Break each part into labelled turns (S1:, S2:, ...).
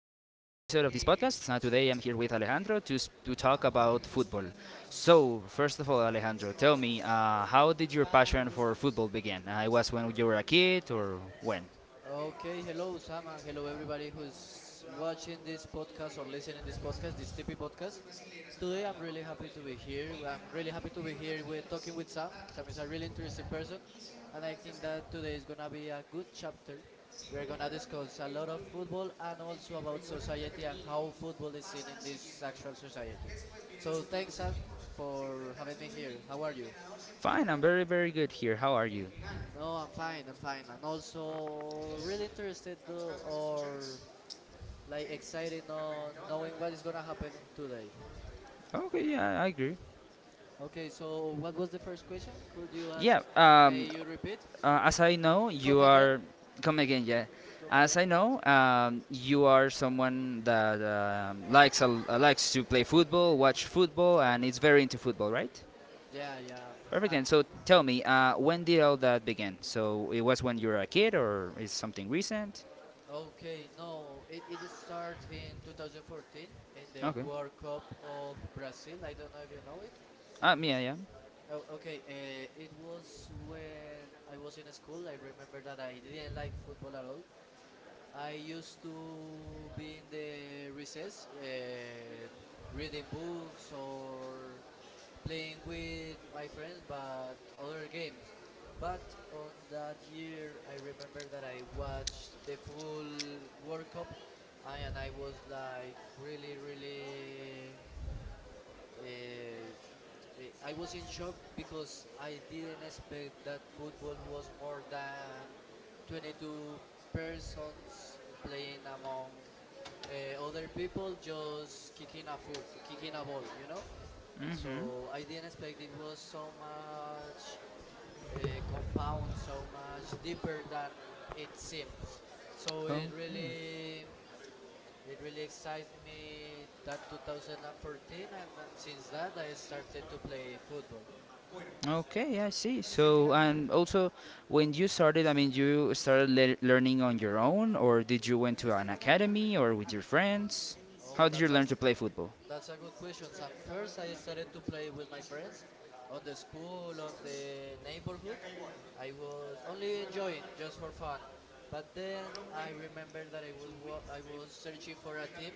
S1: of this podcast. Today I'm here with Alejandro to, to talk about football. So, first of all, Alejandro, tell me, how did your passion for football begin? It was when you were a kid or when?
S2: Okay, hello Sam and hello everybody who's watching this podcast or listening this podcast, this TP podcast. Today I'm really happy to be here. I'm really happy to be here with talking with Sam. Sam is a really interesting person and I think that today is gonna be a good chapter. We are gonna discuss a lot of football and also about society and how football is seen in this actual society. So thanks Sam for having me here. How are you?
S1: Fine, I'm very, very good here. How are you?
S2: No, I'm fine. I'm fine. And also really interested to, or like excited on knowing what is gonna happen in today.
S1: Okay, yeah, I agree.
S2: Okay, so what was the first question? Could you ask?
S1: Yeah, um,
S2: May you repeat?
S1: as I know, you
S2: Come again?
S1: are. Come again, yeah.
S2: Come
S1: As
S2: again?
S1: I know, you are someone that likes likes to play football, watch football, and is very into football, right?
S2: Yeah, yeah.
S1: Perfect.
S2: Um.
S1: And so tell me, when did all that begin? So it was when you were a kid, or is something recent?
S2: Okay, no, it starts in 2014 in the
S1: Okay.
S2: World Cup of Brazil. I don't know if you know it.
S1: Ah, yeah, yeah.
S2: Oh, okay. It was when I was in school. I remember that I didn't like football at all. I used to be in the recess, reading books or playing with my friends, but other games. But on that year, I remember that I watched the full World Cup, I, and I was like really, really uh, I was in shock because I didn't expect that football was more than 22 persons playing among other people just kicking a foot, kicking a ball, you know?
S1: Mm-hmm.
S2: So I didn't expect it was so much compound, so much deeper than it seems. So
S1: Oh.
S2: it
S1: Hmm.
S2: really it really excites me that 2014, and since that I started to play football.
S1: Okay, I see. So, and also, when you started, I mean, you started learning on your own, or did you went to an academy, or with your friends?
S2: Oh,
S1: How did you
S2: that's a
S1: learn to play football?
S2: that's a good question. And first, I started to play with my friends on the school, on the neighborhood. I was only enjoying just for fun. But then I remember that I was searching for a team,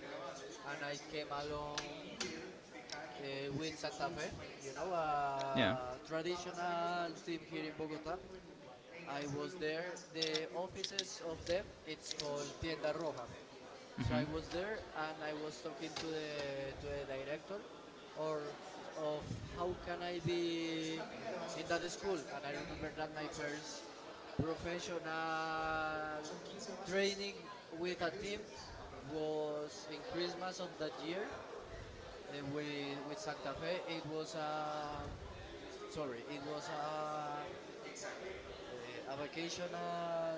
S2: and I came along with Santa Fe. You know,
S1: Yeah.
S2: a traditional team here in Bogota. I was there. The offices of them it's called Tienda Roja, so
S1: Hmm.
S2: I was there and I was talking to the director, or of how can I be in that school. And I remember that my first professional training with a team was in Christmas of that year, with Santa Fe. It was uh, a vocational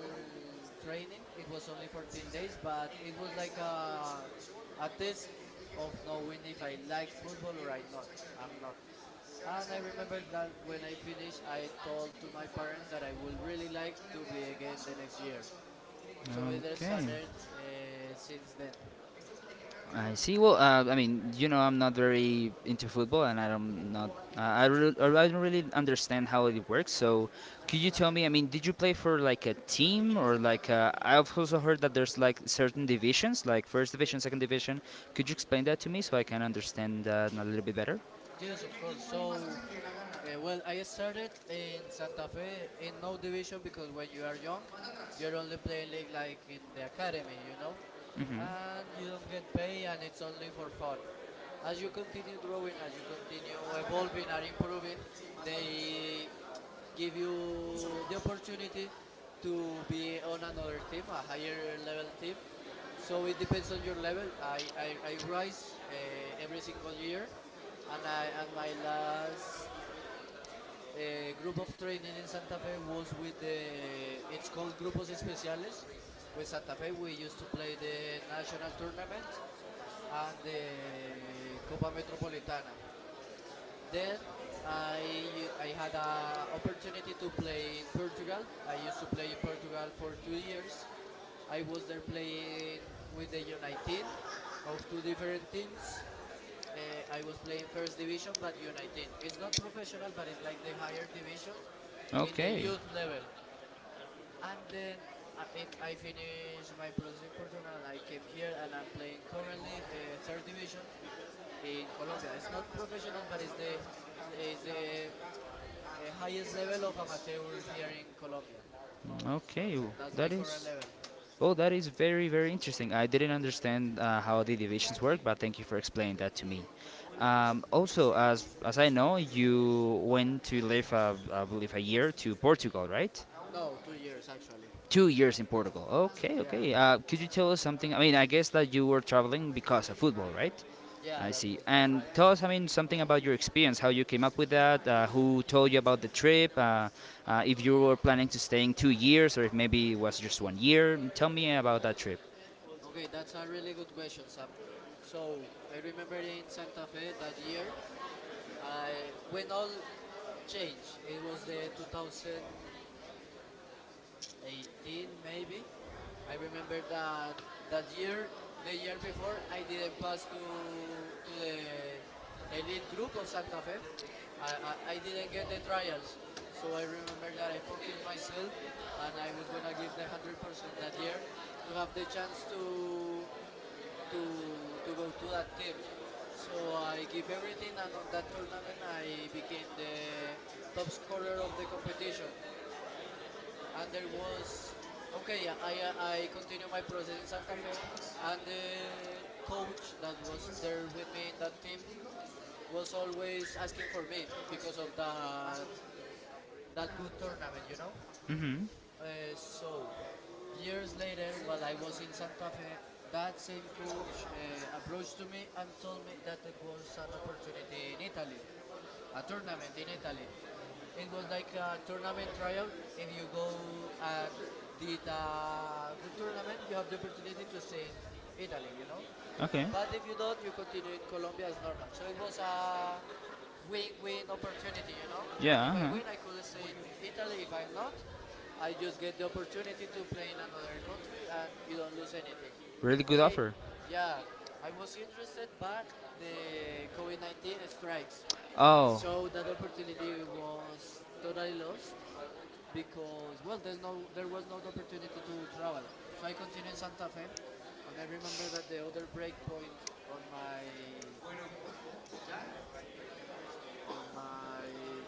S2: training. It was only 14 days, but it was like a test of knowing if I liked football or I not. I'm not. And I remember that when I finished, I told to my parents that I would really like to be again the next year. So it
S1: Okay.
S2: started since then.
S1: I see. Well, I mean, you know, I'm not very into football, and I don't not I re- I don't really understand how it works. So, could you tell me? I mean, did you play for like a team or like I've also heard that there's like certain divisions, like first division, second division. Could you explain that to me so I can understand that a little bit better?
S2: Yes, of course. So, well, I started in Santa Fe in no division because when you are young, you're only playing league like in the academy, you know,
S1: Hmm.
S2: and you don't get paid, and it's only for fun. As you continue growing, as you continue evolving and improving, they give you the opportunity to be on another team, a higher level team. So it depends on your level. I rise every single year, and I and my last group of training in Santa Fe was with the it's called Grupos Especiales. With Santa Fe, we used to play the national tournament and the Copa Metropolitana. Then I had an opportunity to play in Portugal. I used to play in Portugal for 2 years. I was there playing with the U19 of two different teams. I was playing first division, but U19. It's not professional, but it's like the higher division in the youth level. And then if I finish my process in personal, I came here and I'm playing currently third division in Colombia. It's not professional, but it's the is the highest level of amateur here in Colombia.
S1: Okay.
S2: So
S1: That's
S2: that's my
S1: That is
S2: current level.
S1: Well, that is very, very interesting. I didn't understand how the divisions work, but thank you for explaining that to me.
S2: Okay.
S1: Also, as I know, you went to live, I believe, a year to Portugal, right?
S2: No, 2 years actually.
S1: 2 years in Portugal. Okay,
S2: Yeah,
S1: okay. Could you tell us something? I mean, I guess that you were traveling because of football, right?
S2: yeah,
S1: I
S2: that
S1: see.
S2: was that's
S1: And
S2: right.
S1: tell us, I mean, something about your experience, how you came up with that, who told you about the trip, if you were planning to staying two years or if maybe it was just one year. Tell me about that trip.
S2: Okay, that's a really good question, Sam. So I remember in Santa Fe that year, I when all changed, it was the 2018 maybe. I remember that that year, the year before, I didn't pass to the elite group of Santa Fe. I didn't get the trials, so I remember that I focused myself and I was gonna give the 100% that year to have the chance to to go to that team. So I give everything, and on that tournament I became the top scorer of the competition. And there was okay, continue my process in Santa Fe, and the coach that was there with me in that team was always asking for me because of that good tournament, you know.
S1: Mhm.
S2: So, years later, while I was in Santa Fe, that same coach approached to me and told me that there was an opportunity in Italy, a tournament in Italy. It was like a tournament trial. If you go and did a good tournament, you have the opportunity to stay in Italy, you know.
S1: Okay.
S2: But if you don't, you continue in Colombia as normal. So it was a win-win opportunity. You know, if
S1: Yeah.
S2: I
S1: I Uh-huh.
S2: win, I could stay in Italy. If I'm not, I just get the opportunity to play in another country, and you don't lose anything.
S1: Really good
S2: Okay,
S1: offer.
S2: yeah, I was interested, but the COVID-19 strikes,
S1: Oh.
S2: so that opportunity was totally lost because well, there's no, there was no opportunity to travel. So I continued in Santa Fe, and I remember that the other break point on my
S1: on
S2: on my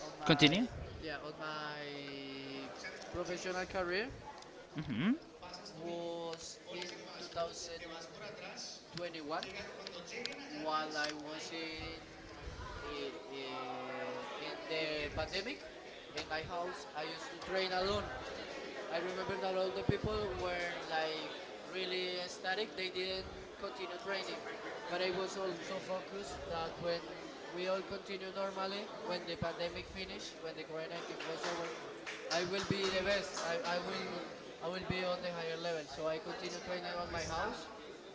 S2: on
S1: Continue.
S2: my yeah on my professional career
S1: Mhm.
S2: was in 2021 while I was in, in the pandemic. In my house I used to train alone. I remember that all the people were like really ecstatic. They didn't continue training, but I was also focused that when we all continue normally, when the pandemic finish, when the COVID-19 was over, I will be the best. I will be on the higher level. So I continue training on my house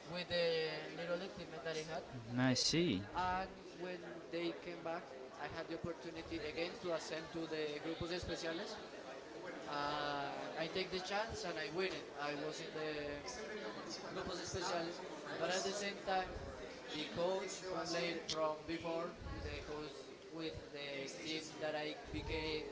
S2: with the little equipment that I had.
S1: I see.
S2: And when they came back, I had the opportunity again to ascend to the grupos especiales, and I take the chance and I win it. I was in the grupos especiales, but at the same time, the coach from later, from before, the coach with the team that I became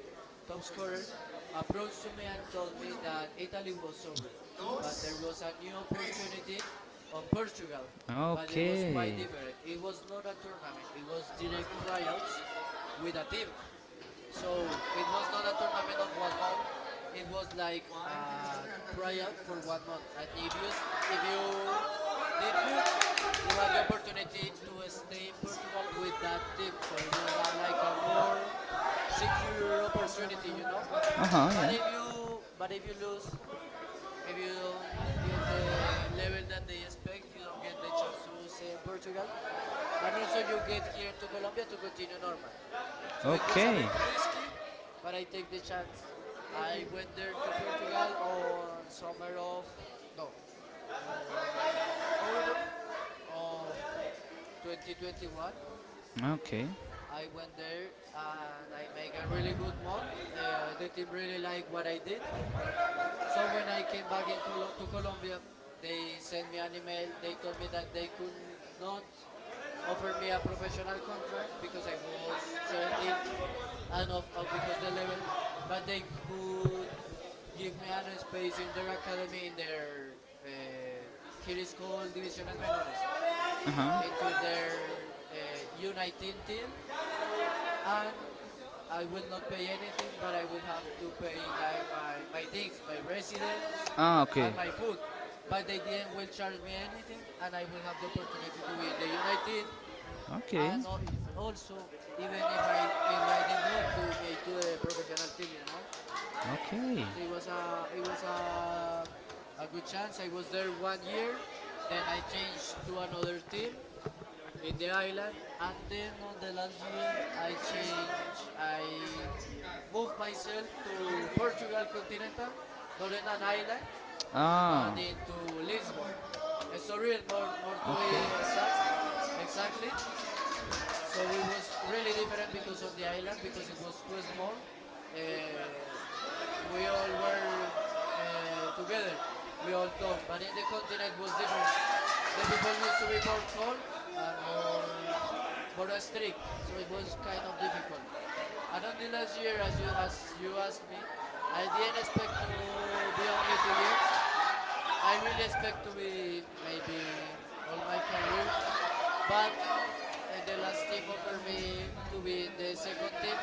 S2: top scorer, approached to me and told me that Italy was over, but there was a new opportunity on Portugal, but it was quite
S1: Okay.
S2: different. It was not a tournament; it was direct tryouts with a team. So it was not a tournament of 1 month. It was like a tryout for 1 month. And if if you did good, you had the opportunity to stay in Portugal with that team. So it was like a more secure opportunity, you know.
S1: Uh huh.
S2: But
S1: Yeah.
S2: if you lose, if you don't get the level that they expect, you don't get the chance to stay in Portugal. And also, you get here to Colombia to continue normal. So it was a
S1: Okay.
S2: bit risky, but I take the chance. I went there to Portugal on no, on autumn of 2021.
S1: Okay.
S2: I went there and I make a really good month. The team really liked what I did, so when I came back in to Colombia, they sent me an email. They told me that they could not offer me a professional contract because I was 17 and of because the level, but they could give me an space in their academy in their uh, here is called divisiones menores,
S1: Uh huh.
S2: into their U19 team, and I will not pay anything, but I will have to pay like my things, my residence,
S1: Ah, okay.
S2: and my food. But they didn't will charge me anything, and I will have the opportunity to be in the United,
S1: Okay.
S2: and also even if I did good to make to the professional team, you know.
S1: Okay.
S2: So it
S1: It
S2: was
S1: was a
S2: a a good chance. I was there 1 year, then I changed to another team, in the island. And then on the last year, I changed, I moved myself to Portugal continental, not in an island,
S1: Ah.
S2: but into Lisbon. Estoril, more to be exactly. So it was really different because on the island, because it was too small, uh, we all were together. We all talked. But in the continent it was different. The people used to be more cold and more strict. So it was kind of difficult. And on the last year, as you asked me, I didn't expect to be only 2 years. I really expect to be maybe all my career, but the last team offered me to be in the second team,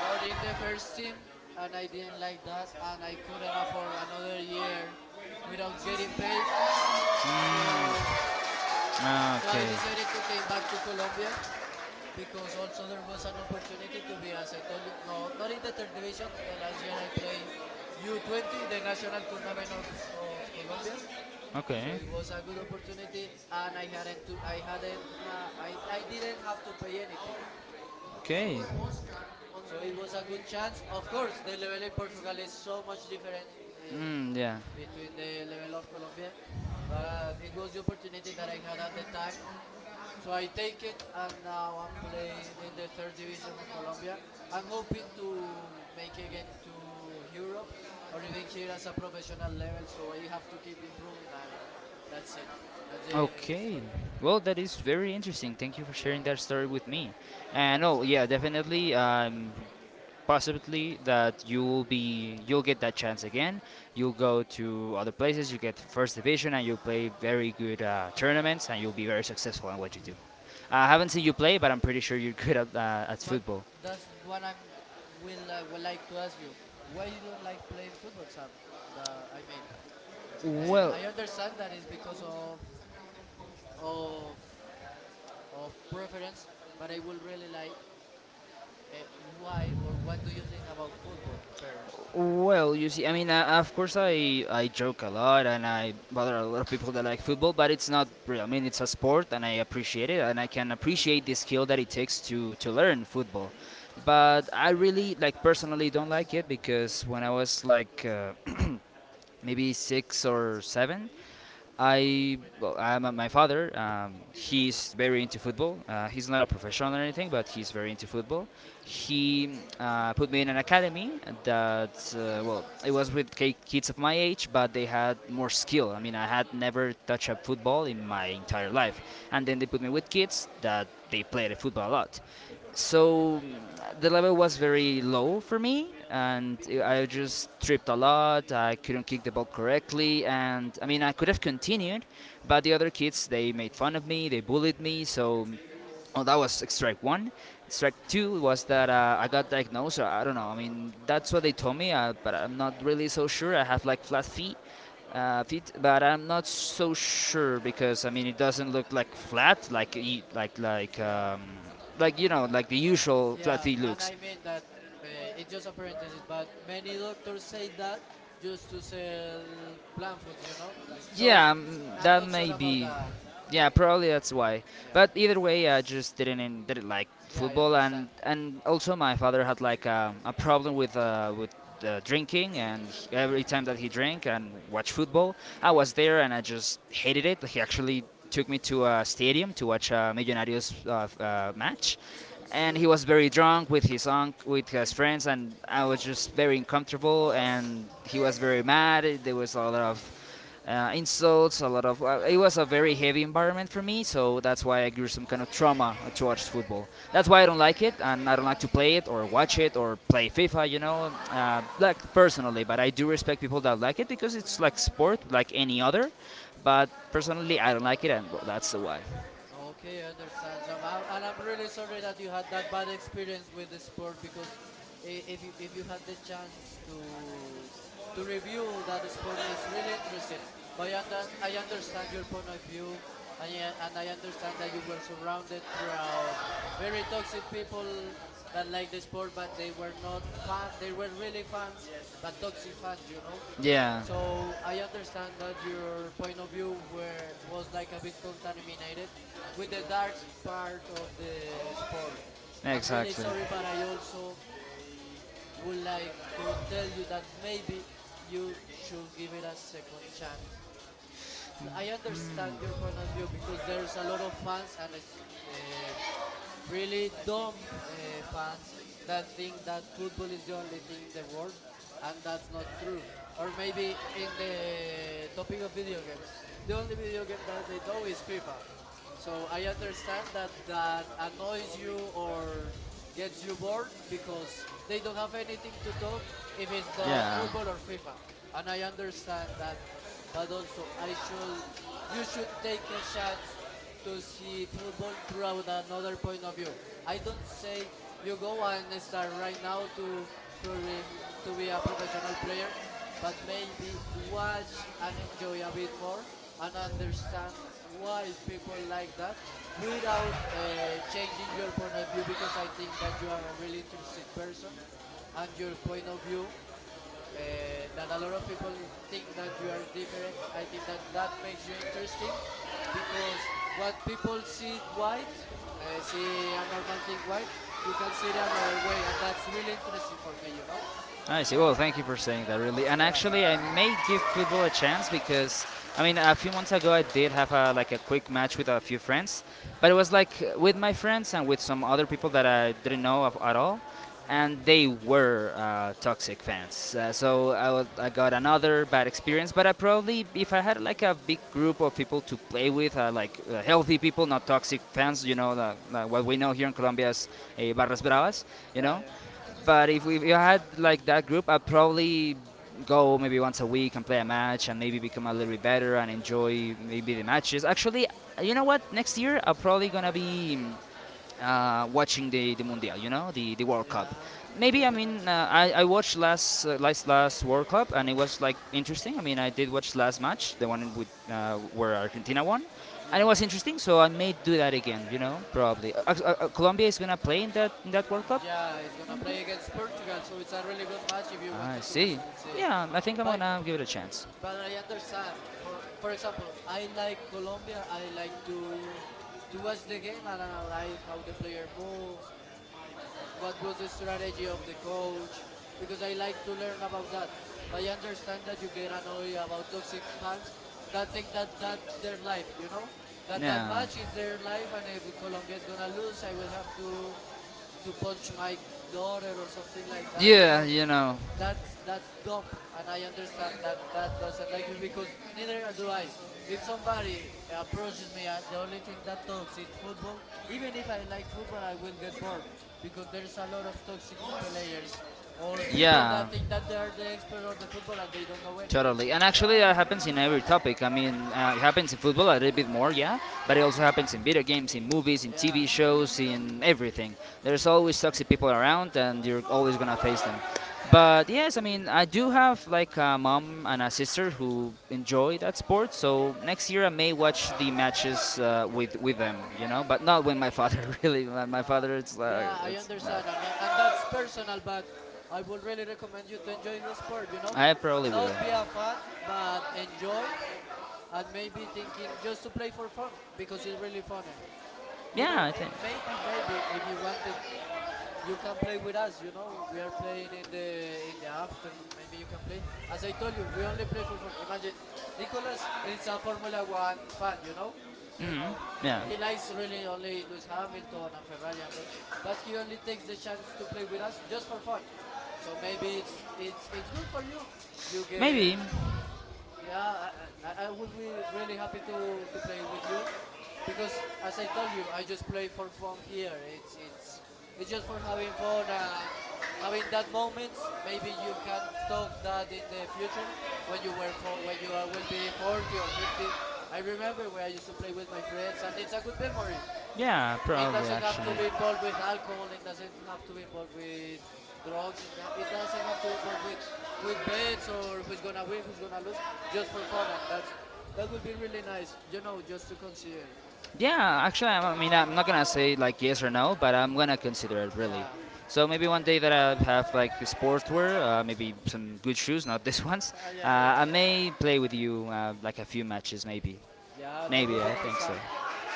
S2: not in the first team, and I didn't like that, and I couldn't afford another year without getting paid. So,
S1: Mm. Ah,
S2: so I
S1: okay.
S2: decided to came back to Colombia because also there was an opportunity to be, as I told you, no, not in the third division. The last year I played U20, the national tournament of Colombia. So
S1: Okay.
S2: it was a good opportunity, and I hadn't to, I hadn't ha, I didn't have to pay anything.
S1: Okay.
S2: So so it was a good chance. Of course, the level in Portugal is so much different in,
S1: Mm, yeah.
S2: between the level of Colombia, but it was the opportunity that I had at the time, so I take it, and now I'm playing in the third division of Colombia. I'm hoping to make again to Europe or even here as a professional level. So I have to keep improving, and that's it. That's the
S1: Okay.
S2: story.
S1: Well, that is very interesting. Thank you for sharing
S2: Yeah,
S1: that story with me. And
S2: yeah,
S1: oh,
S2: son.
S1: yeah, definitely. Possibly that you will be you'll get that chance again. You'll go to other places, you get first division, and you'll play very good tournaments, and you'll be very successful in what you do. I haven't seen you play, but I'm pretty sure you're good at
S2: But
S1: football.
S2: that's what I'm will I would like to ask you. Why you don't like playing football, Sam? But I mean,
S1: Well,
S2: I understand that is because of of of preference, but I would really like why or what do you think about football first?
S1: Well, you see, I mean, of course, I joke a lot and I bother a lot of people that like football, but it's not real. I mean, it's a sport, and I appreciate it, and I can appreciate the skill that it takes to learn football. But I really like personally don't like it because when I was like maybe six or seven, my father, he's very into football. He's not a professional or anything, but he's very into football. He put me in an academy that, well, it was with kids of my age, but they had more skill. I mean, I had never touched a football in my entire life. And then they put me with kids that they played football a lot so the level was very low for me, and I just tripped a lot. I couldn't kick the ball correctly, and I mean I could have continued, but the other kids they made fun of me, they bullied me, so Oh, that was strike one. Strike two was that I got diagnosed. Or I don't know. I mean, that's what they told me, but I'm not really so sure. I have like flat feet, but I'm not so sure because I mean, it doesn't look like flat, like like
S2: Yeah,
S1: like you know, like the usual flat
S2: yeah,
S1: feet
S2: and
S1: looks.
S2: I mean that uh, it's just a parenthesis, but many doctors say that just to sell plant foods, you know. So
S1: Yeah,
S2: I'm
S1: that
S2: not sure
S1: may
S2: about
S1: be.
S2: that.
S1: Yeah, probably that's why.
S2: Yeah,
S1: But either way, I just didn't in, didn't like
S2: yeah, I
S1: football, and
S2: understand.
S1: also my father had like a problem with drinking, and every time that he drank and watched football, I was there, and I just hated it. He actually took me to a stadium to watch a Millonarios match, and he
S2: Really?
S1: was very drunk with his unc with his friends, and I was just very uncomfortable, and he was very mad. There was a lot of insults, a lot of. It was a very heavy environment for me, so that's why I grew some kind of trauma towards football. That's why I don't like it, and I don't like to play it or watch it or play FIFA. You know, like personally, but I do respect people that like it because it's like sport, like any other. But personally, I don't like it, and well, that's the why.
S2: Okay, I understand, Sam. I, and I'm really sorry that you had that bad experience with the sport because if you had the chance to review that sport, it's really interesting. But I understand your point of view, and I understand that you were surrounded throughout very toxic people that like the sport, but they were not fan. They were really fans, but toxic fans, you know.
S1: Yeah,
S2: So I understand that your point of view were was like a bit contaminated with the dark part of the sport. I'm really
S1: exactly.
S2: sorry, but I also would like to tell you that maybe you should give it a second chance. I understand your point of view because there's a lot of fans and uh, really dumb fans that think that football is the only thing in the world, and that's not true. Or maybe in the topic of video games, the only video game that they know is FIFA. So I understand that that annoys you or gets you bored because they don't have anything to talk if it's not football or FIFA. And I understand that, but you should take a chance to see football throughout another point of view. I don't say you go and start right now to to be a professional player, but maybe watch and enjoy a bit more and understand why people like that without changing your point of view, because I think that you are a really interested person and your point of view uh, that a lot of people think that you are different. I think that that makes you interesting because what people see white, see a normal thing white, you can see it another way, and that's really interesting for me, you know.
S1: I see. Well, thank you for saying that, really. And
S2: yeah
S1: actually, I may give football a chance because, I mean, a few months ago I did have like a quick match with a few friends, but it was like with my friends and with some other people that I didn't know of at all,
S2: yeah
S1: and they were toxic fans.
S2: yeah
S1: So I got another bad experience. But I probably, if I had like a big group of people to play with, like healthy people, not toxic fans, you know, what we know here in Colombia as barras bravas, you
S2: Yeah,
S1: know.
S2: yeah,
S1: But if I had like that group, I'd probably go maybe once a week and play a match and maybe become a little bit better and enjoy maybe the matches. Actually, you know what? Next year I'm probably gonna be watching the Mundial. You know, the World Cup.
S2: yeah. That
S1: Maybe I
S2: would be
S1: mean
S2: nice.
S1: I watched last World Cup and it was like interesting. I mean I did watch last match, the one with where Argentina won, and it
S2: Yeah,
S1: was interesting. So I may do that again. You know, probably
S2: yeah,
S1: Colombia is gonna play in that World Cup.
S2: yeah. It's gonna play against Portugal, so it's a really good match if you
S1: I
S2: wanted
S1: see.
S2: to see.
S1: Yeah, I think I'm
S2: But
S1: gonna give it a chance.
S2: but I understand. For example, I like Colombia. I like to watch the game and analyze how the player moves. What was the strategy of the coach? Because I like to learn about that. But I understand that you get annoyed about toxic fans that think that that's their life, you know? That that
S1: Yeah.
S2: match is their life, and if Colombia is gonna lose, I will have to punch my daughter or something like that, you
S1: Yeah,
S2: know?
S1: you know.
S2: That's dumb, and I understand that that doesn't like you because neither do I. If somebody approaches me and the only thing that talks is football, even if I like football, I will get bored because there's a lot of toxic players or people
S1: Yeah.
S2: that think that they are the experts of the football and they don't know anything.
S1: Totally, and actually that happens in every topic. I mean, it happens in football a little bit more, yeah, but it also happens in video games, in movies, in
S2: Yeah,
S1: TV shows, in everything. There's always toxic people around, and you're always gonna face them. But yes, I mean, I do have like a mom and a sister who enjoy that sport, so next year I may watch the matches with them, you know, but not with my father. Really, my
S2: uh,
S1: father, it's like,
S2: yeah, I
S1: it's no.
S2: understand, and and that's personal, but I would really recommend you to enjoy the sport, you know.
S1: I probably will.
S2: Not be a fan, but enjoy, and maybe thinking just to play for fun because it's really funny. You
S1: Yeah,
S2: know,
S1: I
S2: eh,
S1: think.
S2: maybe if you wanted, you can play with us. You know, we are playing in the afternoon. Maybe you can play. As I told you, we only play for fun. Imagine, Nicolas is a Formula One fan. You
S1: Hmm.
S2: know,
S1: Yeah.
S2: he likes really only Lewis Hamilton and Ferrari and that. But he only takes the chance to play with us just for fun. So maybe it's good for you. You
S1: Maybe.
S2: get yeah, I would be really happy to play with you because, as I told you, I just play for fun here. It's just for having fun and having that moments. Maybe you can talk that in the future when you were for, when you are will be 40 or 50. I remember where I used to play with my friends, and it's a good memory.
S1: Yeah,
S2: It
S1: probably
S2: doesn't have to
S1: actually.
S2: be involved with alcohol. It doesn't have to be involved with drugs. And it doesn't have to be involved with bets or who's gonna win, who's gonna lose. Just for fun, and that will be really nice. You know, just to consider.
S1: Yeah, actually, I mean, I'm not gonna say like yes or no, but I'm gonna consider it really.
S2: Yeah,
S1: So maybe one day that I have like a sportswear, maybe some good shoes, not these ones. Uh,
S2: yeah, yeah.
S1: I may play with you like a few matches, maybe.
S2: Yeah, that
S1: Maybe
S2: would be
S1: I
S2: nice,
S1: think so.
S2: Sam.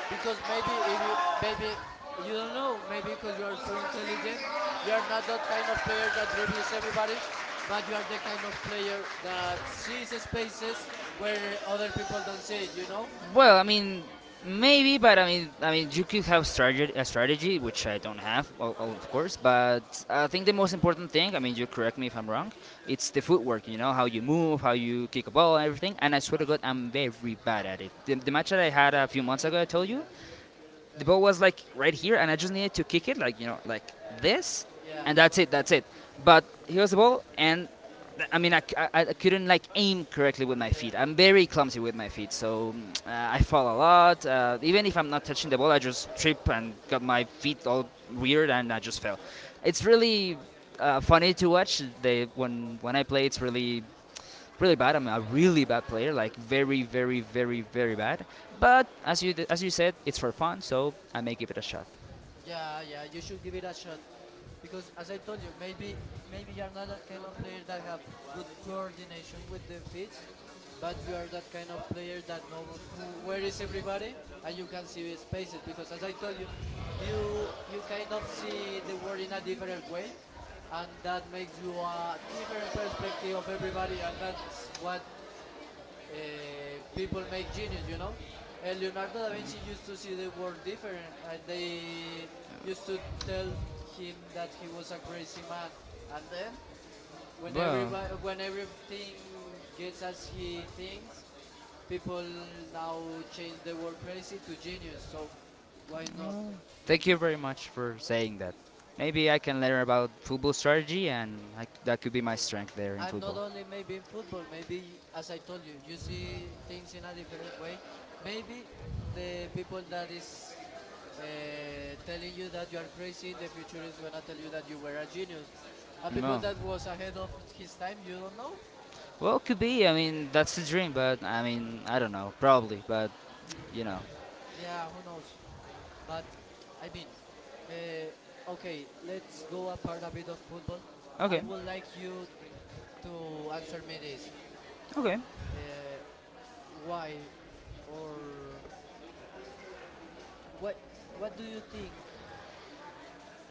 S2: Because maybe if you maybe you don't know, maybe because you are too intelligent, you are not that kind of player that dribbles everybody, but you are the kind of player that sees spaces where other people don't see it. You know?
S1: Well, I mean, maybe, but you could have a strategy, which I don't have, of course. But I think the most important thing, I mean, you correct me if I'm wrong, it's the footwork. You know how you move, how you kick a ball, and everything. And I swear to God, I'm very bad at it. The match that I had a few months ago, I told you,
S2: Yeah.
S1: the ball was like right here, and I just needed to kick it, like you know, like this,
S2: Yeah.
S1: and that's it. But here's the ball, and I mean, I couldn't like aim correctly with my feet.
S2: Yeah.
S1: I'm very clumsy with my feet, so I fall a lot. Even if I'm not touching the ball, I just trip and got my feet all weird, and I just fell. It's really funny to watch. They when I play, it's really bad. I'm a really bad player, like very, very, very, very bad. But as you said, it's for fun, so I may give it a shot.
S2: Yeah. Yeah. You should give it a shot, because as I told you, maybe you're not that kind of player that have good coordination with the feet, but you are that kind of player that knows who where is everybody, and you can see the spaces because, as I told you, you kind of see the world in a different way, and that makes you a different perspective of everybody, and that's what people make genius, you know. Leonardo da Vinci used to see the world different, and they used to tell him that he was a crazy man. And then, when
S1: Well,
S2: everybody, when everything gets as he thinks, people now change the word crazy to genius. So, why not?
S1: thank you very much for saying that. Maybe I can learn about football strategy, and that could be my strength there in
S2: I'm not
S1: football.
S2: only maybe in football. Maybe, as I told you, you see things in a different way. Maybe the people that is telling you that you are crazy in the future is gonna tell you that you were a genius. A people
S1: No.
S2: that was ahead of his time, you don't know.
S1: Well, could be. I mean, that's the dream, but I mean, I don't know. Probably, but you know.
S2: Yeah, who knows? But I mean, okay, let's go apart a bit of football. I
S1: Okay.
S2: would like you to answer me this:
S1: Okay.
S2: uh, why or what. What do you think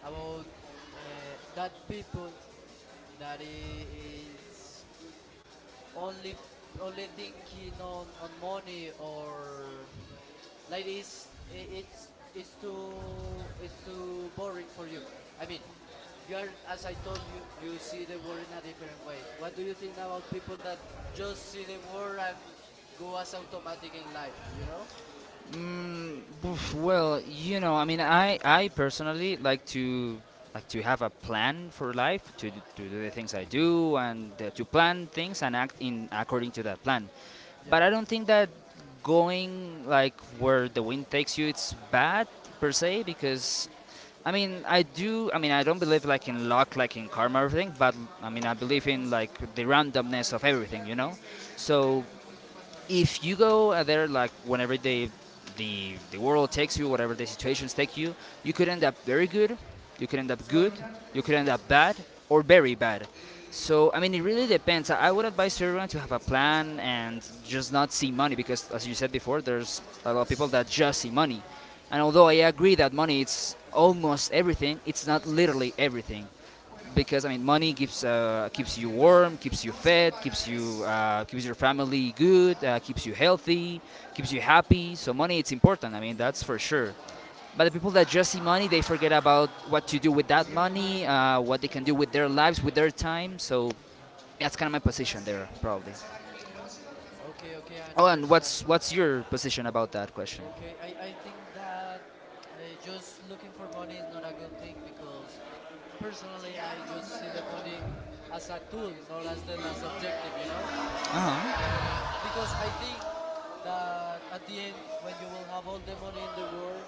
S2: about that people that is only only thinking on money, or like it's I- it's too boring for you. I mean, you are, as I told you, you see the world in a different way. What do you think about people that just see the world and go as automatic in life? You know?
S1: Oof, well, I mean, I personally like to have a plan for life, to to do the things I
S2: Okay.
S1: do, and to plan things and act in according to that plan. But
S2: Yeah,
S1: I don't think that going like where the wind takes you it's bad per se because I mean, I do. I mean, I don't believe like in luck, like in karma, or everything. But I mean, I believe in like the randomness of everything. So if you go out there like whenever the world takes you, whatever the situations take you, you could end up very good, you could end up good, you could end up bad or very bad. So I mean, it really depends. I would advise everyone to have a plan and just not see money because, as you said before, there's a lot of people that just see money. And although
S2: yeah.
S1: I agree that money it's almost everything, it's not literally everything because I mean, money keeps you warm, keeps you fed, keeps your family good, keeps you healthy, keeps you happy. So money, it's important. I mean, that's for sure. But the people that just see money, they forget about what to do with that money, what they can do with their lives, with their time. So that's kind of my position there, probably.
S2: Okay, okay, I
S1: Oh, and
S2: understand.
S1: what's your position about that question?
S2: Okay, I think that just looking for money is not a good thing because, personally, I just see the money as a tool, not as the last objective, you know?
S1: Uh huh.
S2: Because I think that at the end, when you will have all the money in the world,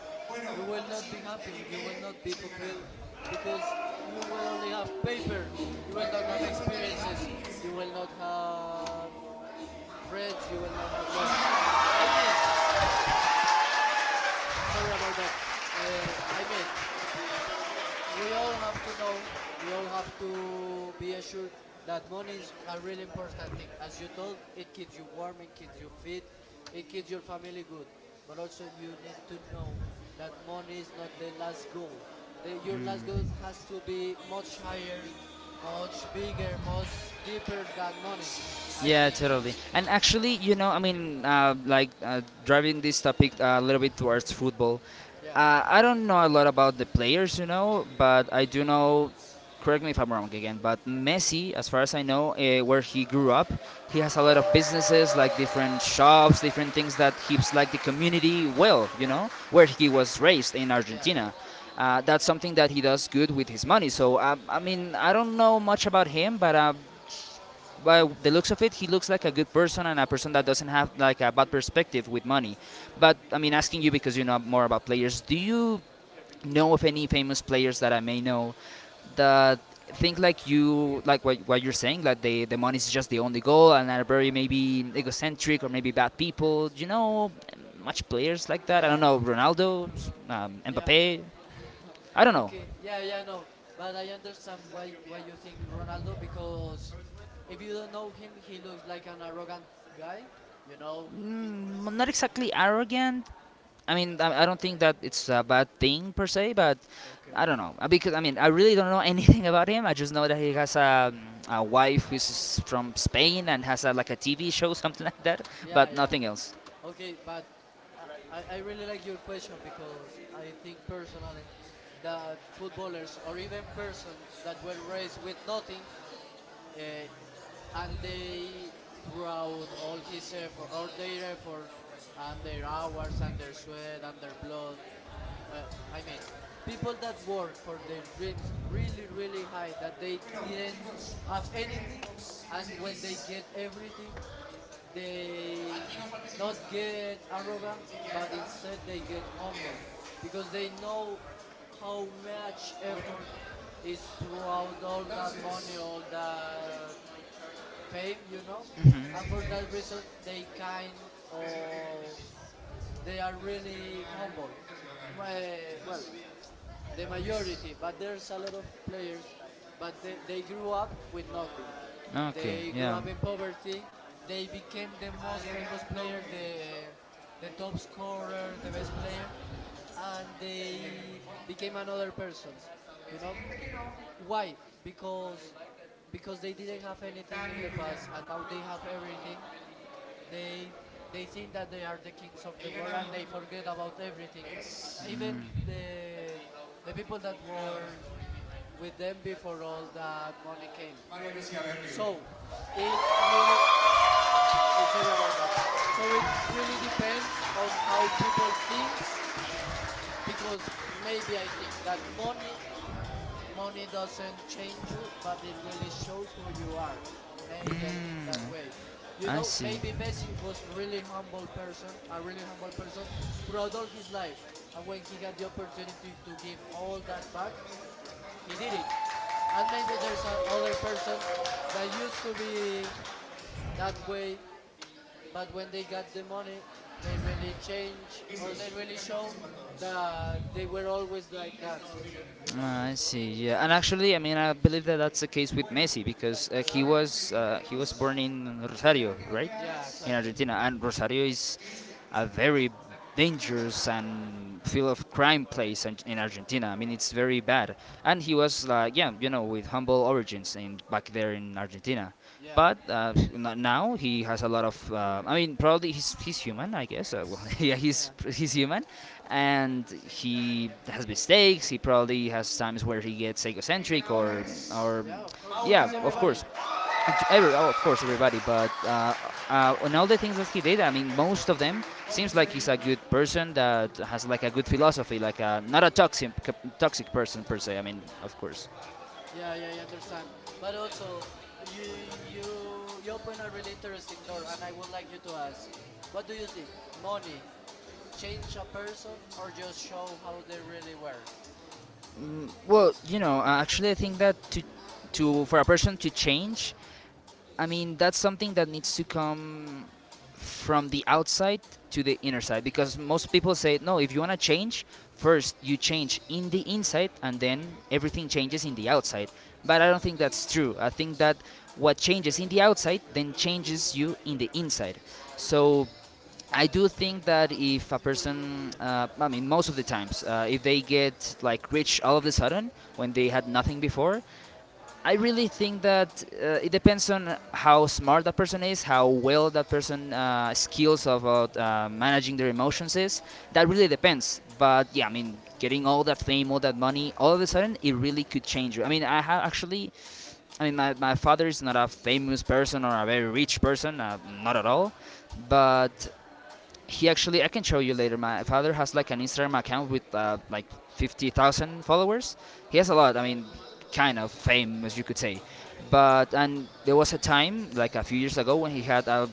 S2: you will not be happy, you will not be fulfilled because you will only have paper, you will not have experiences, you will not have friends, you will not have love. I mean, sorry about that. I mean, we all have to know, we all have to be assured that money is a really important thing. As you told, it keeps you warm, it keeps you fit, it keeps your family good. But also, you need to know that money is not the last goal. The, your last goal has to be much higher, much bigger, much deeper than money. I
S1: Yeah,
S2: think.
S1: totally. And actually, I mean, like driving this topic a little bit towards football.
S2: Yeah,
S1: I don't know a lot about the players, but I do know. Correct me if I'm wrong again, but Messi, as far as I know, where he grew up, he has a lot of businesses, like different shops, different things that keeps like the community well, where he was raised in
S2: yeah,
S1: Argentina. That's something that he does good with his money. So I mean, I don't know much about him, but by the looks of it, he looks like a good person and a person that doesn't have like a bad perspective with money. But I mean, asking you because you know more about players, do you know of any famous players that I may know that think like you, like what you're saying, like the money is just the only goal and are very maybe egocentric or maybe bad people? Do you know much players like that? I
S2: yeah.
S1: don't know Ronaldo,
S2: Yeah.
S1: Mbappe. I don't know.
S2: okay. Yeah, yeah, no. But I understand why you think Ronaldo because if you don't know him, he looks like an arrogant guy, you know. Uh,
S1: Mm, not exactly arrogant. I mean, I don't think that it's a bad thing per se, but
S2: okay.
S1: I don't know. Because I mean, I really don't know anything about him. I just know that he has a wife who's from Spain and has like a TV show, something like that,
S2: Yeah,
S1: but
S2: yeah.
S1: nothing else.
S2: Okay, but I really like your question because I think personally that footballers or even persons that were raised with nothing uh, and they throughout all his effort or their effort and their hours and their sweat and their blood uh, I mean, people that work for their dreams really really high that didn't have anything, and when they get everything, they not get arrogant but instead they get humble because they know how much effort is throughout all that money, all that fame. And for that reason they kind of they are really humble. Well, the majority, but there's a lot of players, but they grew up with nothing.
S1: Okay,
S2: They grew
S1: yeah.
S2: up in poverty. They became the most famous player, the top scorer, the best player, and they became another persons. You know why? Because because they didn't have anything in the past, and now they have everything, they they think that they are the kings of the world and they forget about everything, even the the people that were with them before all that money came. So it really sorry about that, so it really depends on how people thinks, because maybe I think that money money doesn't change you, but it really shows who you are. Maybe I think that way. You
S1: I
S2: know,
S1: see.
S2: maybe Messi was a really humble person, a really humble person throughout all his life. And when he had the opportunity to give all that back, he did it. And maybe there's another person that used to be that way, but when they got the money, they really change or they really show that they were always like that. You
S1: Uh,
S2: know?
S1: I see. Yeah, and actually, I mean, I believe that that's the case with Messi because he was born in Rosario, right,
S2: Yeah,
S1: in
S2: exactly.
S1: Argentina, and Rosario is a very dangerous and full of crime place in Argentina. I mean, it's very bad. And he was like, yeah, with humble origins in back there in Argentina,
S2: Yeah,
S1: but now he has a lot of. I mean, probably he's human, I guess. Well, yeah, he's
S2: yeah,
S1: he's human, and he has mistakes. He probably has times where he gets egocentric or,
S2: yeah. Of course,
S1: yeah,
S2: as
S1: of course.
S2: everybody.
S1: And oh, of course, everybody. But on all the things that he did, I mean, most of them seems like he's a good person that has like a good philosophy, not a toxic person per se. I mean, of course.
S2: Yeah, yeah, I understand. But also, you open a really interesting door, and I would like you to ask, what do you think? Money change a person, or just show how they really were?
S1: Well, actually, I think that to for a person to change, I mean, that's something that needs to come from the outside to the inner side, because most people say no, if you want to change, first you change in the inside, and then everything changes in the outside. But I don't think that's true. I think that what changes in the outside then changes you in the inside. So I do think that if a person, I mean, most of the times, if they get like rich all of a sudden when they had nothing before, I really think that it depends on how smart that person is, how well that person, skills about managing their emotions is. That really depends. But yeah, I mean, getting all that fame, all that money, all of a sudden, it really could change you. I mean, I have, actually, I mean, my father is not a famous person or a very rich person, not at all. But he actually, I can show you later, my father has like an Instagram account with like 50,000 followers. He has a lot, I mean, kind of fame, as you could say. But and there was a time like a few years ago when he had a,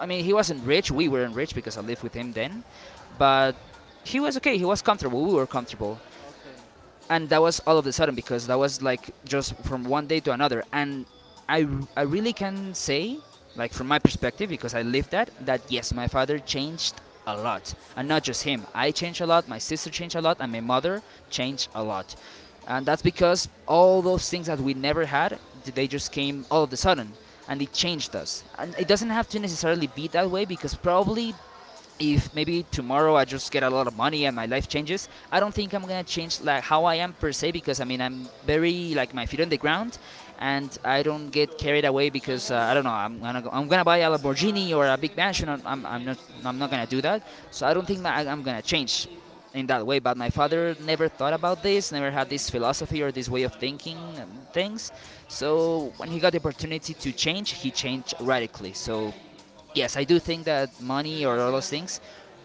S1: I mean, he wasn't rich, we weren't rich because I lived with him then, but he was okay, he was comfortable, we were comfortable.
S2: Okay,
S1: And that was all of a sudden because that was like just from one day to another, and i I really can say, like from my perspective, because I lived that, that yes, my father changed a lot. And not just him, I changed a lot, my sister changed a lot, and my mother changed a lot. And that's because all those things that we never had, they just came all of a sudden, and it changed us. And it doesn't have to necessarily be that way, because probably if maybe tomorrow I just get a lot of money and my life changes, I don't think I'm gonna change like how I am per se, because I mean, I'm very like my feet on the ground, and I don't get carried away. Because I don't know, I'm gonna go, I'm gonna buy a Lamborghini or a big mansion. I'm not gonna do that. So I don't think that I'm gonna change in that way. But my father never thought about this, never had this philosophy or this way of thinking and things. So when he got the opportunity to change, he changed radically. So yes, I do think that money or all those things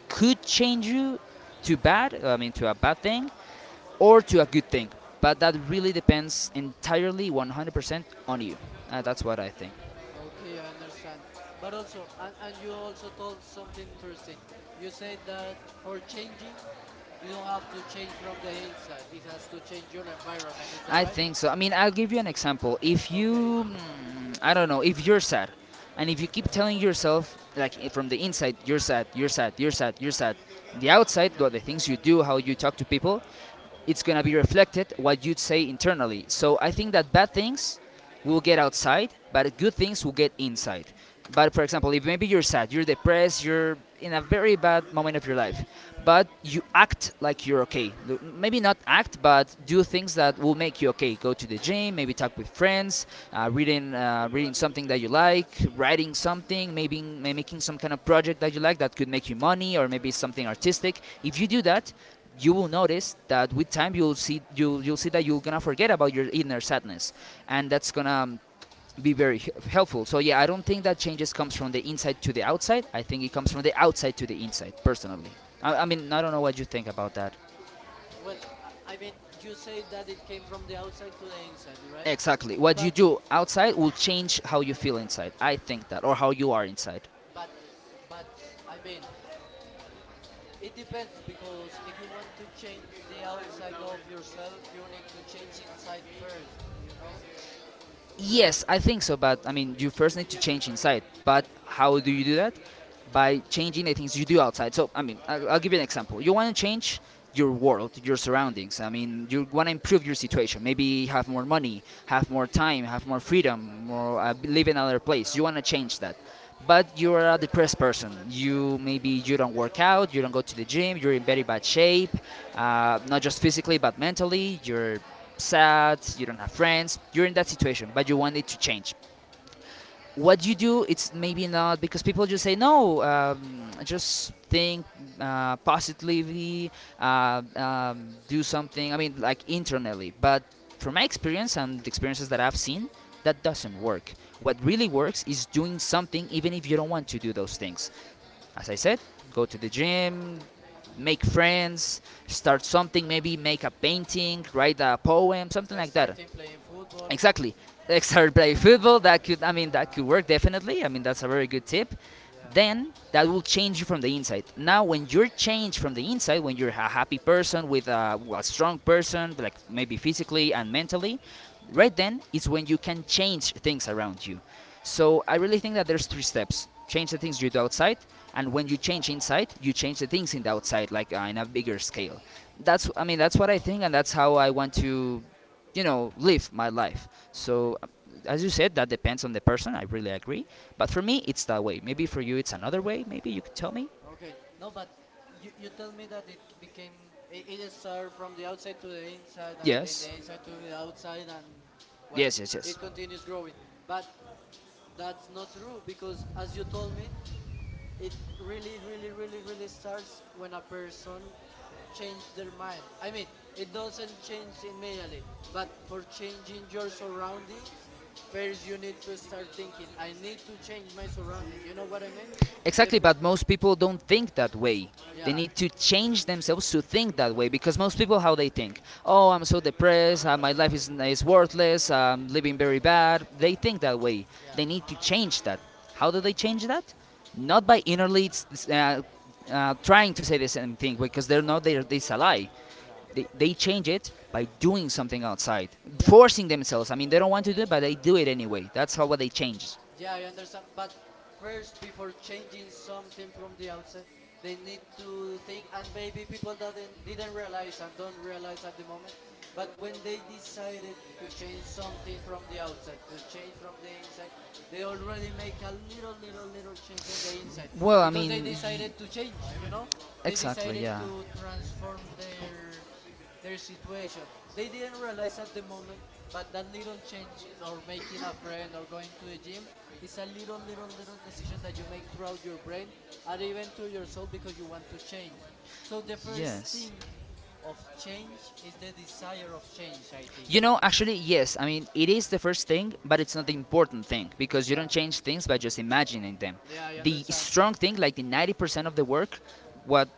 S1: could change you to bad, I mean, to a bad thing or to a good thing. But that really depends entirely 100% on you. That's what I think.
S2: okay, I understand. But also, and you also told something interesting. You said that for changing, you don't have to change from the inside. It has to change your environment. Is that
S1: I
S2: right?
S1: think so. I mean, I'll give you an example. If
S2: Okay.
S1: you, mm, I don't know, if you're sad, and if you keep telling yourself, like from the inside, you're sad, you're sad, you're sad, you're sad, the outside, what the things you do, how you talk to people, it's gonna be reflected what you'd say internally. So I think that bad things will get outside, but good things will get inside. But for example, if maybe you're sad, you're depressed, you're in a very bad moment of your life, but you act like you're okay. Maybe not act, but do things that will make you okay. Go to the gym, maybe talk with friends, reading, reading something that you like, writing something, maybe making some kind of project that you like that could make you money or maybe something artistic. If you do that, you will notice that with time you'll see that you're gonna forget about your inner sadness, and that's gonna be very helpful. So yeah, I don't think that changes comes from the inside to the outside. I think it comes from the outside to the inside. Personally, I mean, I don't know what you think about that.
S2: Well, I mean, you say that it came from the outside to the inside, right?
S1: Exactly, what you
S2: But,
S1: do outside will change how you feel inside. I think that, or how you are inside.
S2: but, but, I mean, it depends because if you want to change the outside of yourself, you need to change inside first. You know,
S1: Yes, I think so. But I mean, you first need to change inside. But how do you do that? By changing the things you do outside. So I mean, I'll give you an example. You want to change your world, your surroundings. I mean, you want to improve your situation. Maybe have more money, have more time, have more freedom, more, live in another place. You want to change that, but you're a depressed person. You, maybe you don't work out, you don't go to the gym, you're in very bad shape, not just physically but mentally. You're sad, you don't have friends. You're in that situation, but you want it to change. What you do it's maybe not because people just say no, just think positively, do something. I mean, like internally, but from my experience and the experiences that I've seen, that doesn't work. What really works is doing something even if you don't want to do those things. As I said, go to the gym, make friends, start something, maybe make a painting, write a poem, something like that.
S2: Starting playing football.
S1: Exactly. Start
S2: Uh,
S1: play football. That could, I
S2: uh,
S1: mean, that
S2: uh,
S1: could work definitely. I mean, that's a very good tip.
S2: yeah.
S1: Then that will change you from the inside. Now, when you're changed from the inside, when you're a happy person with a strong person, like maybe physically and mentally, right then is when you can change things around you. So I really think that there's three steps: change the things you do outside, and when you change inside, you change the things in the outside, like in a bigger scale. That's, I mean, that's what I think, and that's how I want to live my life.
S2: Okay.
S1: So as you said, that depends on the person. I really agree, but for me it's that way. Maybe for you it's another way. Maybe you could tell me.
S2: Okay. No, but you tell me that it became it started from the outside to the inside and then the
S1: Yes,
S2: inside to the outside and well,
S1: yes, yes, yes.
S2: it continues growing. But that's not true because, as you told me, it really, really, really, really starts when a person change their mind. I mean, it doesn't change immediately, but for changing your surroundings, first you need to start thinking. I need to change my surrounding. You know what I mean? The
S1: Exactly,
S2: fir-
S1: but most people don't think that way. They
S2: yeah,
S1: need to change themselves to think that way because most people, how they think, oh, I'm so depressed, my life is worthless, I'm living very bad. They think that way.
S2: yeah,
S1: They need to change that. How do they change that? Not by innerly trying to say the same thing
S2: yeah,
S1: because they're not, they it's a lie.
S2: yeah,
S1: They change it by doing something outside,
S2: yeah.
S1: forcing themselves. I mean, they don't want to do it, but they do it anyway. That's how what they change.
S2: Yeah, I understand. But first, before changing something from the outside, they need to think, and maybe people that didn't realize and don't realize at the moment. But when they decided to change something from the outside, to change from the inside, they already make a little, little, little change in the inside
S1: Well, I.
S2: because they decided to change. You know, they decided to transform their situation. They didn't realize at the moment, but that little change or making a friend or going to the gym is a little, little, little decision that you make throughout your brain and even to your soul because you want to change. So the first thing of change is the desire of change, I
S1: You
S2: think.
S1: know, actually, yes. I mean, it is the first thing, but it's not the important thing because you don't
S2: Yeah,
S1: change things by just imagining them.
S2: yeah, I
S1: The
S2: understand.
S1: strong thing, like the 90% of the work, what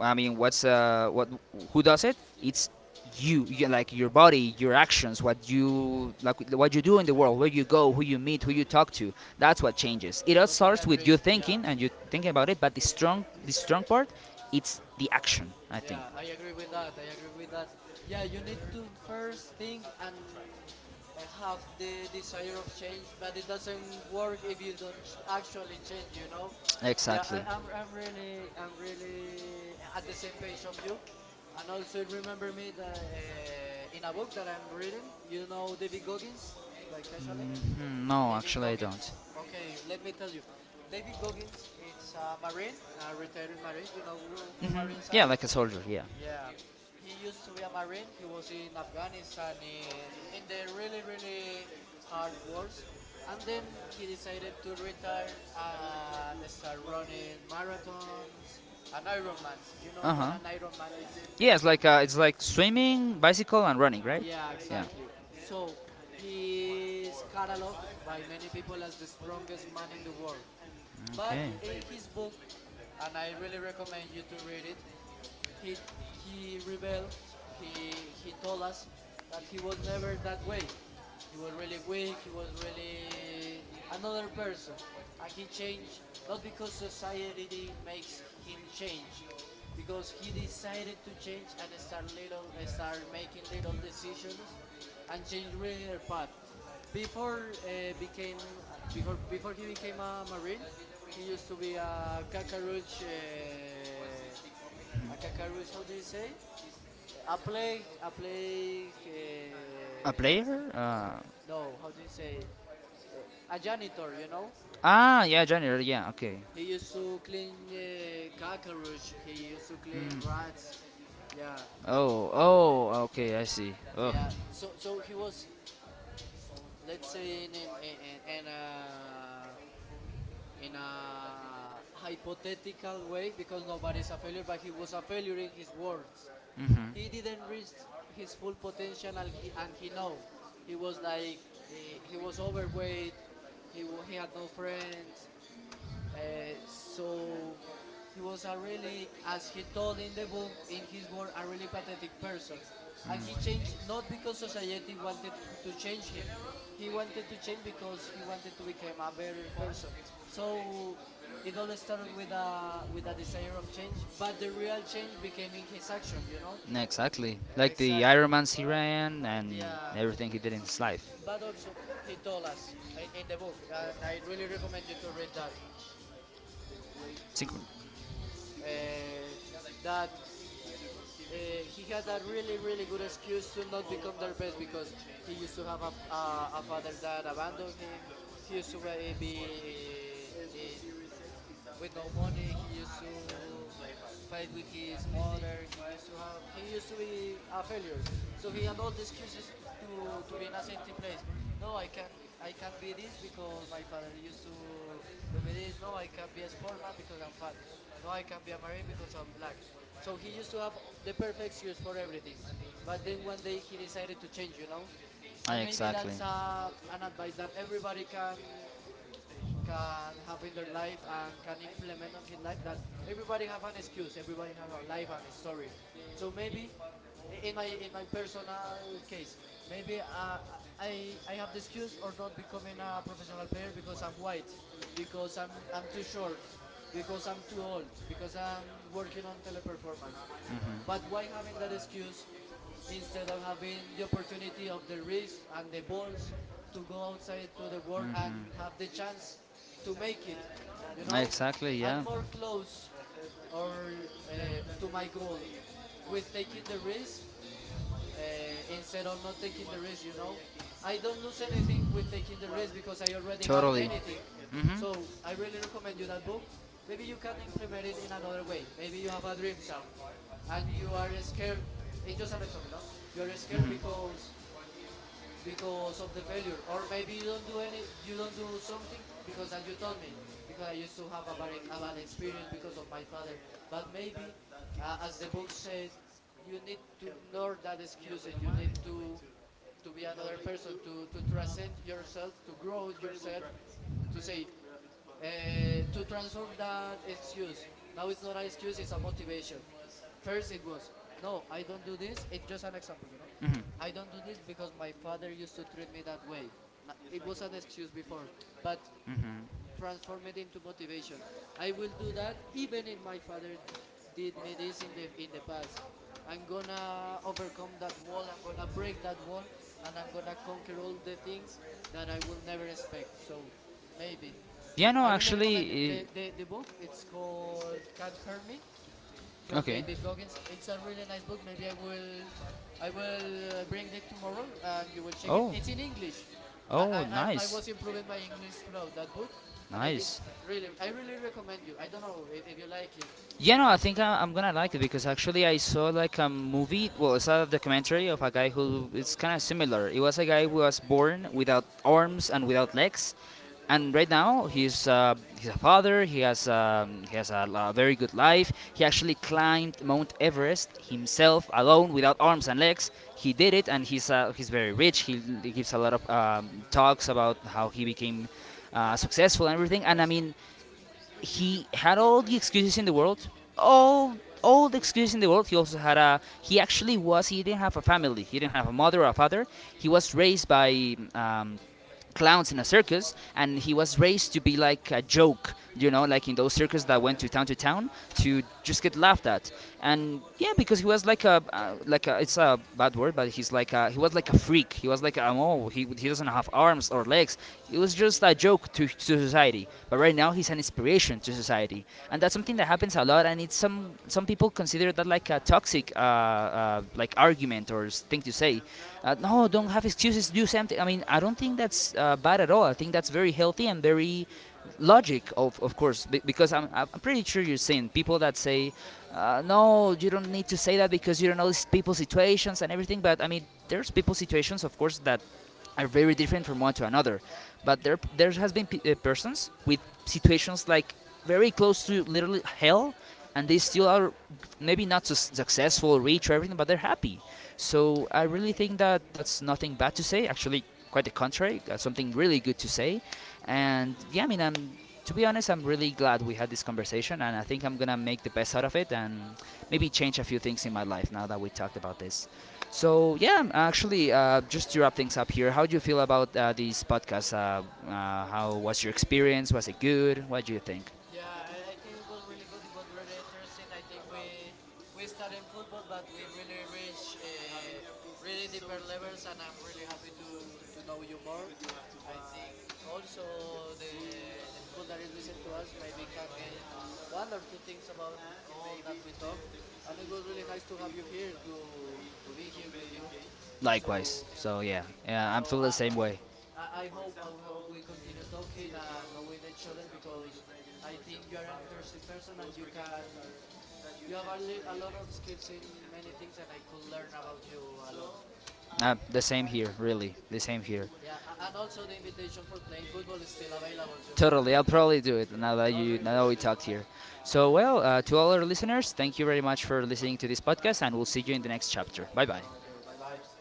S1: I mean, what's what who does it? It's you, like your body, your actions, what you like, what you do in the world, where you go, who you meet, who you talk to. That's what changes. It all
S2: Totally
S1: starts with you
S2: agree. Yeah.
S1: thinking and you thinking about it, but the strong part, it's the action. I think
S2: Yeah, I agree with that. I agree with that. Yeah, you need to first think and have the desire of change, but it doesn't work if you don't actually change. You know. Yeah,
S1: exactly.
S2: I'm really. I'm really at the same page of you. And also remember me that in a book that I'm reading, you know David Goggins by casually.
S1: Mm, no,
S2: David
S1: actually, I don't.
S2: Goggins. Okay, let me tell you. David Goggins, it's a Marine, a retired Marine. You know who
S1: Hmm.
S2: Marines
S1: Yeah,
S2: are?
S1: like a soldier. Yeah. Yeah.
S2: Yeah, he used to be a marine. He was in Afghanistan in the really really hard wars, and then he decided to retire and start running marathons and Ironmans. You know
S1: Uh
S2: what
S1: huh.
S2: an Ironman is?
S1: Yeah, it's like swimming, bicycle, and running, right?
S2: Yeah,
S1: Yeah.
S2: exactly. So he is cataloged by many people as the strongest man in the world. But in his book, and I really recommend you to read it, he he rebels. He told us that he was never that way. He was really weak. He was really another person, and he changed not because society makes him change, because he decided to change and start little start making little decisions and change really their path. Before he became a marine, he used to be a cockroach a Kakarus, how do you say? A plague, a plague.
S1: A player?
S2: No, how do you say? Uh, a janitor, you know.
S1: Ah, yeah, janitor. Yeah, okay.
S2: He used to clean cockroach. He used to clean rats. Yeah,
S1: Oh, oh, okay, I see. Oh.
S2: yeah. So, so he was, let's say, in a hypothetical way because nobody's a failure, but he was a failure in his words.
S1: Mhm.
S2: He didn't reach his full potential, and and he know he was like he was overweight. He had no friends. So he was a really, as he told in the book in his work, a really pathetic person, and he changed not because society wanted to change him. He wanted to change because he wanted to become a better person. So it all started with a desire of change, but
S1: Mm.
S2: the real change became in his action, you know.
S1: Exactly. Like the
S2: Exactly.
S1: Ironmans he ran and
S2: Yeah.
S1: everything he did in his life.
S2: But also, he told us in the book, and I really recommend you to read that,
S1: Synchron-.
S2: uh, that uh, he had a really really good excuse to not become their best because he used to have a father that abandoned him. He used to be in with no money. He used to fight with his mother. He used to have he used to be a failure. So he had all the excuses to be in a safety place. No, I can't, I can't be this because my father used to do me this. No, I can't be a sportman because I'm fat. No, I can't be a marine because I'm black. So he used to have the perfect excuse for everything. But then one day he decided to change, you know? And maybe that's an advice that everybody can have in their life and can implement on his life, that everybody have an excuse, everybody have a life and a story. So maybe in my personal case, maybe I have the excuse or not becoming a professional player because I'm white, because I'm too short, because I'm too old, because I'm working on teleperformance. But why having that excuse instead of having the opportunity of the risks and the balls to go outside to the world and have the chance to make it, you know,
S1: Exactly,
S2: and
S1: I'm yeah.
S2: more close or to my goal with taking the risk instead of not taking the risk, you know. I don't lose anything with taking the risk because I already have
S1: Totally.
S2: anything.
S1: Hmm, hmm.
S2: So I really recommend you that book. Maybe you can implement it in another way. Maybe you have a dream, Sam, and you are scared. It's just an example. No? You are scared because of the failure, or maybe you don't do any you don't do something because, as you told me, because I used to have a bad experience because of my father. But maybe as the book said, you need to ignore that excuses. You need to be another person, to transcend yourself, to grow yourself, to say to transform that excuse. Now it's not an excuse, it's a motivation. First, it was, no, I don't do this. It's just an example, you know. I don't do this because my father used to treat me that way. It was an excuse before, but transform it into motivation. I will do that even if my father did me this in the past. I'm gonna overcome that wall. I'm gonna break that wall, and I'm gonna conquer all the things that I will never expect. So maybe
S1: Yeah, no,
S2: I really recommend you.
S1: actually.
S2: The book it's called Can't Hurt Me
S1: I
S2: from
S1: okay.
S2: David Goggins. It's a really nice book. Maybe I will bring it tomorrow and you will check it.
S1: Oh.
S2: It's in English.
S1: Oh,
S2: I was
S1: nice.
S2: improving my English throughout that book, and I think
S1: Nice.
S2: really I really recommend you. I don't know if you like it.
S1: Yeah, no, I think I'm gonna like it because actually I saw like a movie. Well, it's a documentary of a guy who it's kind of similar. It was a guy who was born without arms and without legs, and right now he's a father. He has a very good life. He actually climbed Mount Everest himself alone without arms and legs. He did it, and he's very rich. He gives a lot of talks about how he became
S2: I, I,
S1: successful and everything. And I mean, he had all the excuses in the world, all all the excuses in the world. He also had a he actually was he didn't have a family. He didn't have a mother or a father. He was raised by. Clowns in a circus, and he was raised to be like a joke, you know, like in those circus that went
S2: yeah.
S1: to town to town to just get laughed at. And yeah, because he was like a like a, it's a bad word, but he was like a freak. He was like oh, he doesn't have arms or legs. It was just a joke to society, but right now he's an inspiration, contribution to society, and that's
S2: Yeah.
S1: something that happens a lot. And it's some people consider that like a toxic like argument or thing to say. No, don't have excuses. Do something. I mean, I don't think that's bad at all. I think that's very healthy and very logic, of course, because I'm pretty sure you've seen people that say no, you don't need to say that because you don't know these people's situations and everything, but I mean there's people's situations, of course, that are very different from one to another. But there has been persons with situations like very close to literally hell, and they still are maybe not so successful, rich, or everything, but they're happy. So I really think that that's nothing bad to say. Actually, quite the contrary, that's something really good to say. And yeah, I mean, I'm to be honest, I'm really glad we had this conversation, and I think I'm gonna make the best out of it and maybe change a few things in my life now that we talked about this. So yeah, actually, just to wrap things up here, how do you feel about these podcasts? How was your experience? Was it good? What do you think?
S2: Yeah, I think it was really good. It was really interesting. I think we started in football, but we really reached really deeper levels, and I'm really happy to know you more. I think also the people that is listen to us maybe can get one or two things about all that we talk, and it was really nice to have you here to be here with you.
S1: Likewise.
S2: So
S1: So yeah, yeah, I'm
S2: so
S1: feeling the
S2: uh,
S1: same way.
S2: I, I hope we continue talking and knowing each other because I think you are an interesting person and you can you have a lot of skills in many things and I could learn about you a lot.
S1: The same here, really. The same here.
S2: Yeah, and also the invitation for playing football is still available, you know.
S1: Totally. I'll probably do it now
S2: Yeah,
S1: that
S2: no,
S1: you
S2: really,
S1: now that we
S2: really.
S1: talked here. So well, to all our listeners, thank you very much for listening to this podcast, and we'll see you in the next chapter. Bye bye.
S2: Okay, bye bye.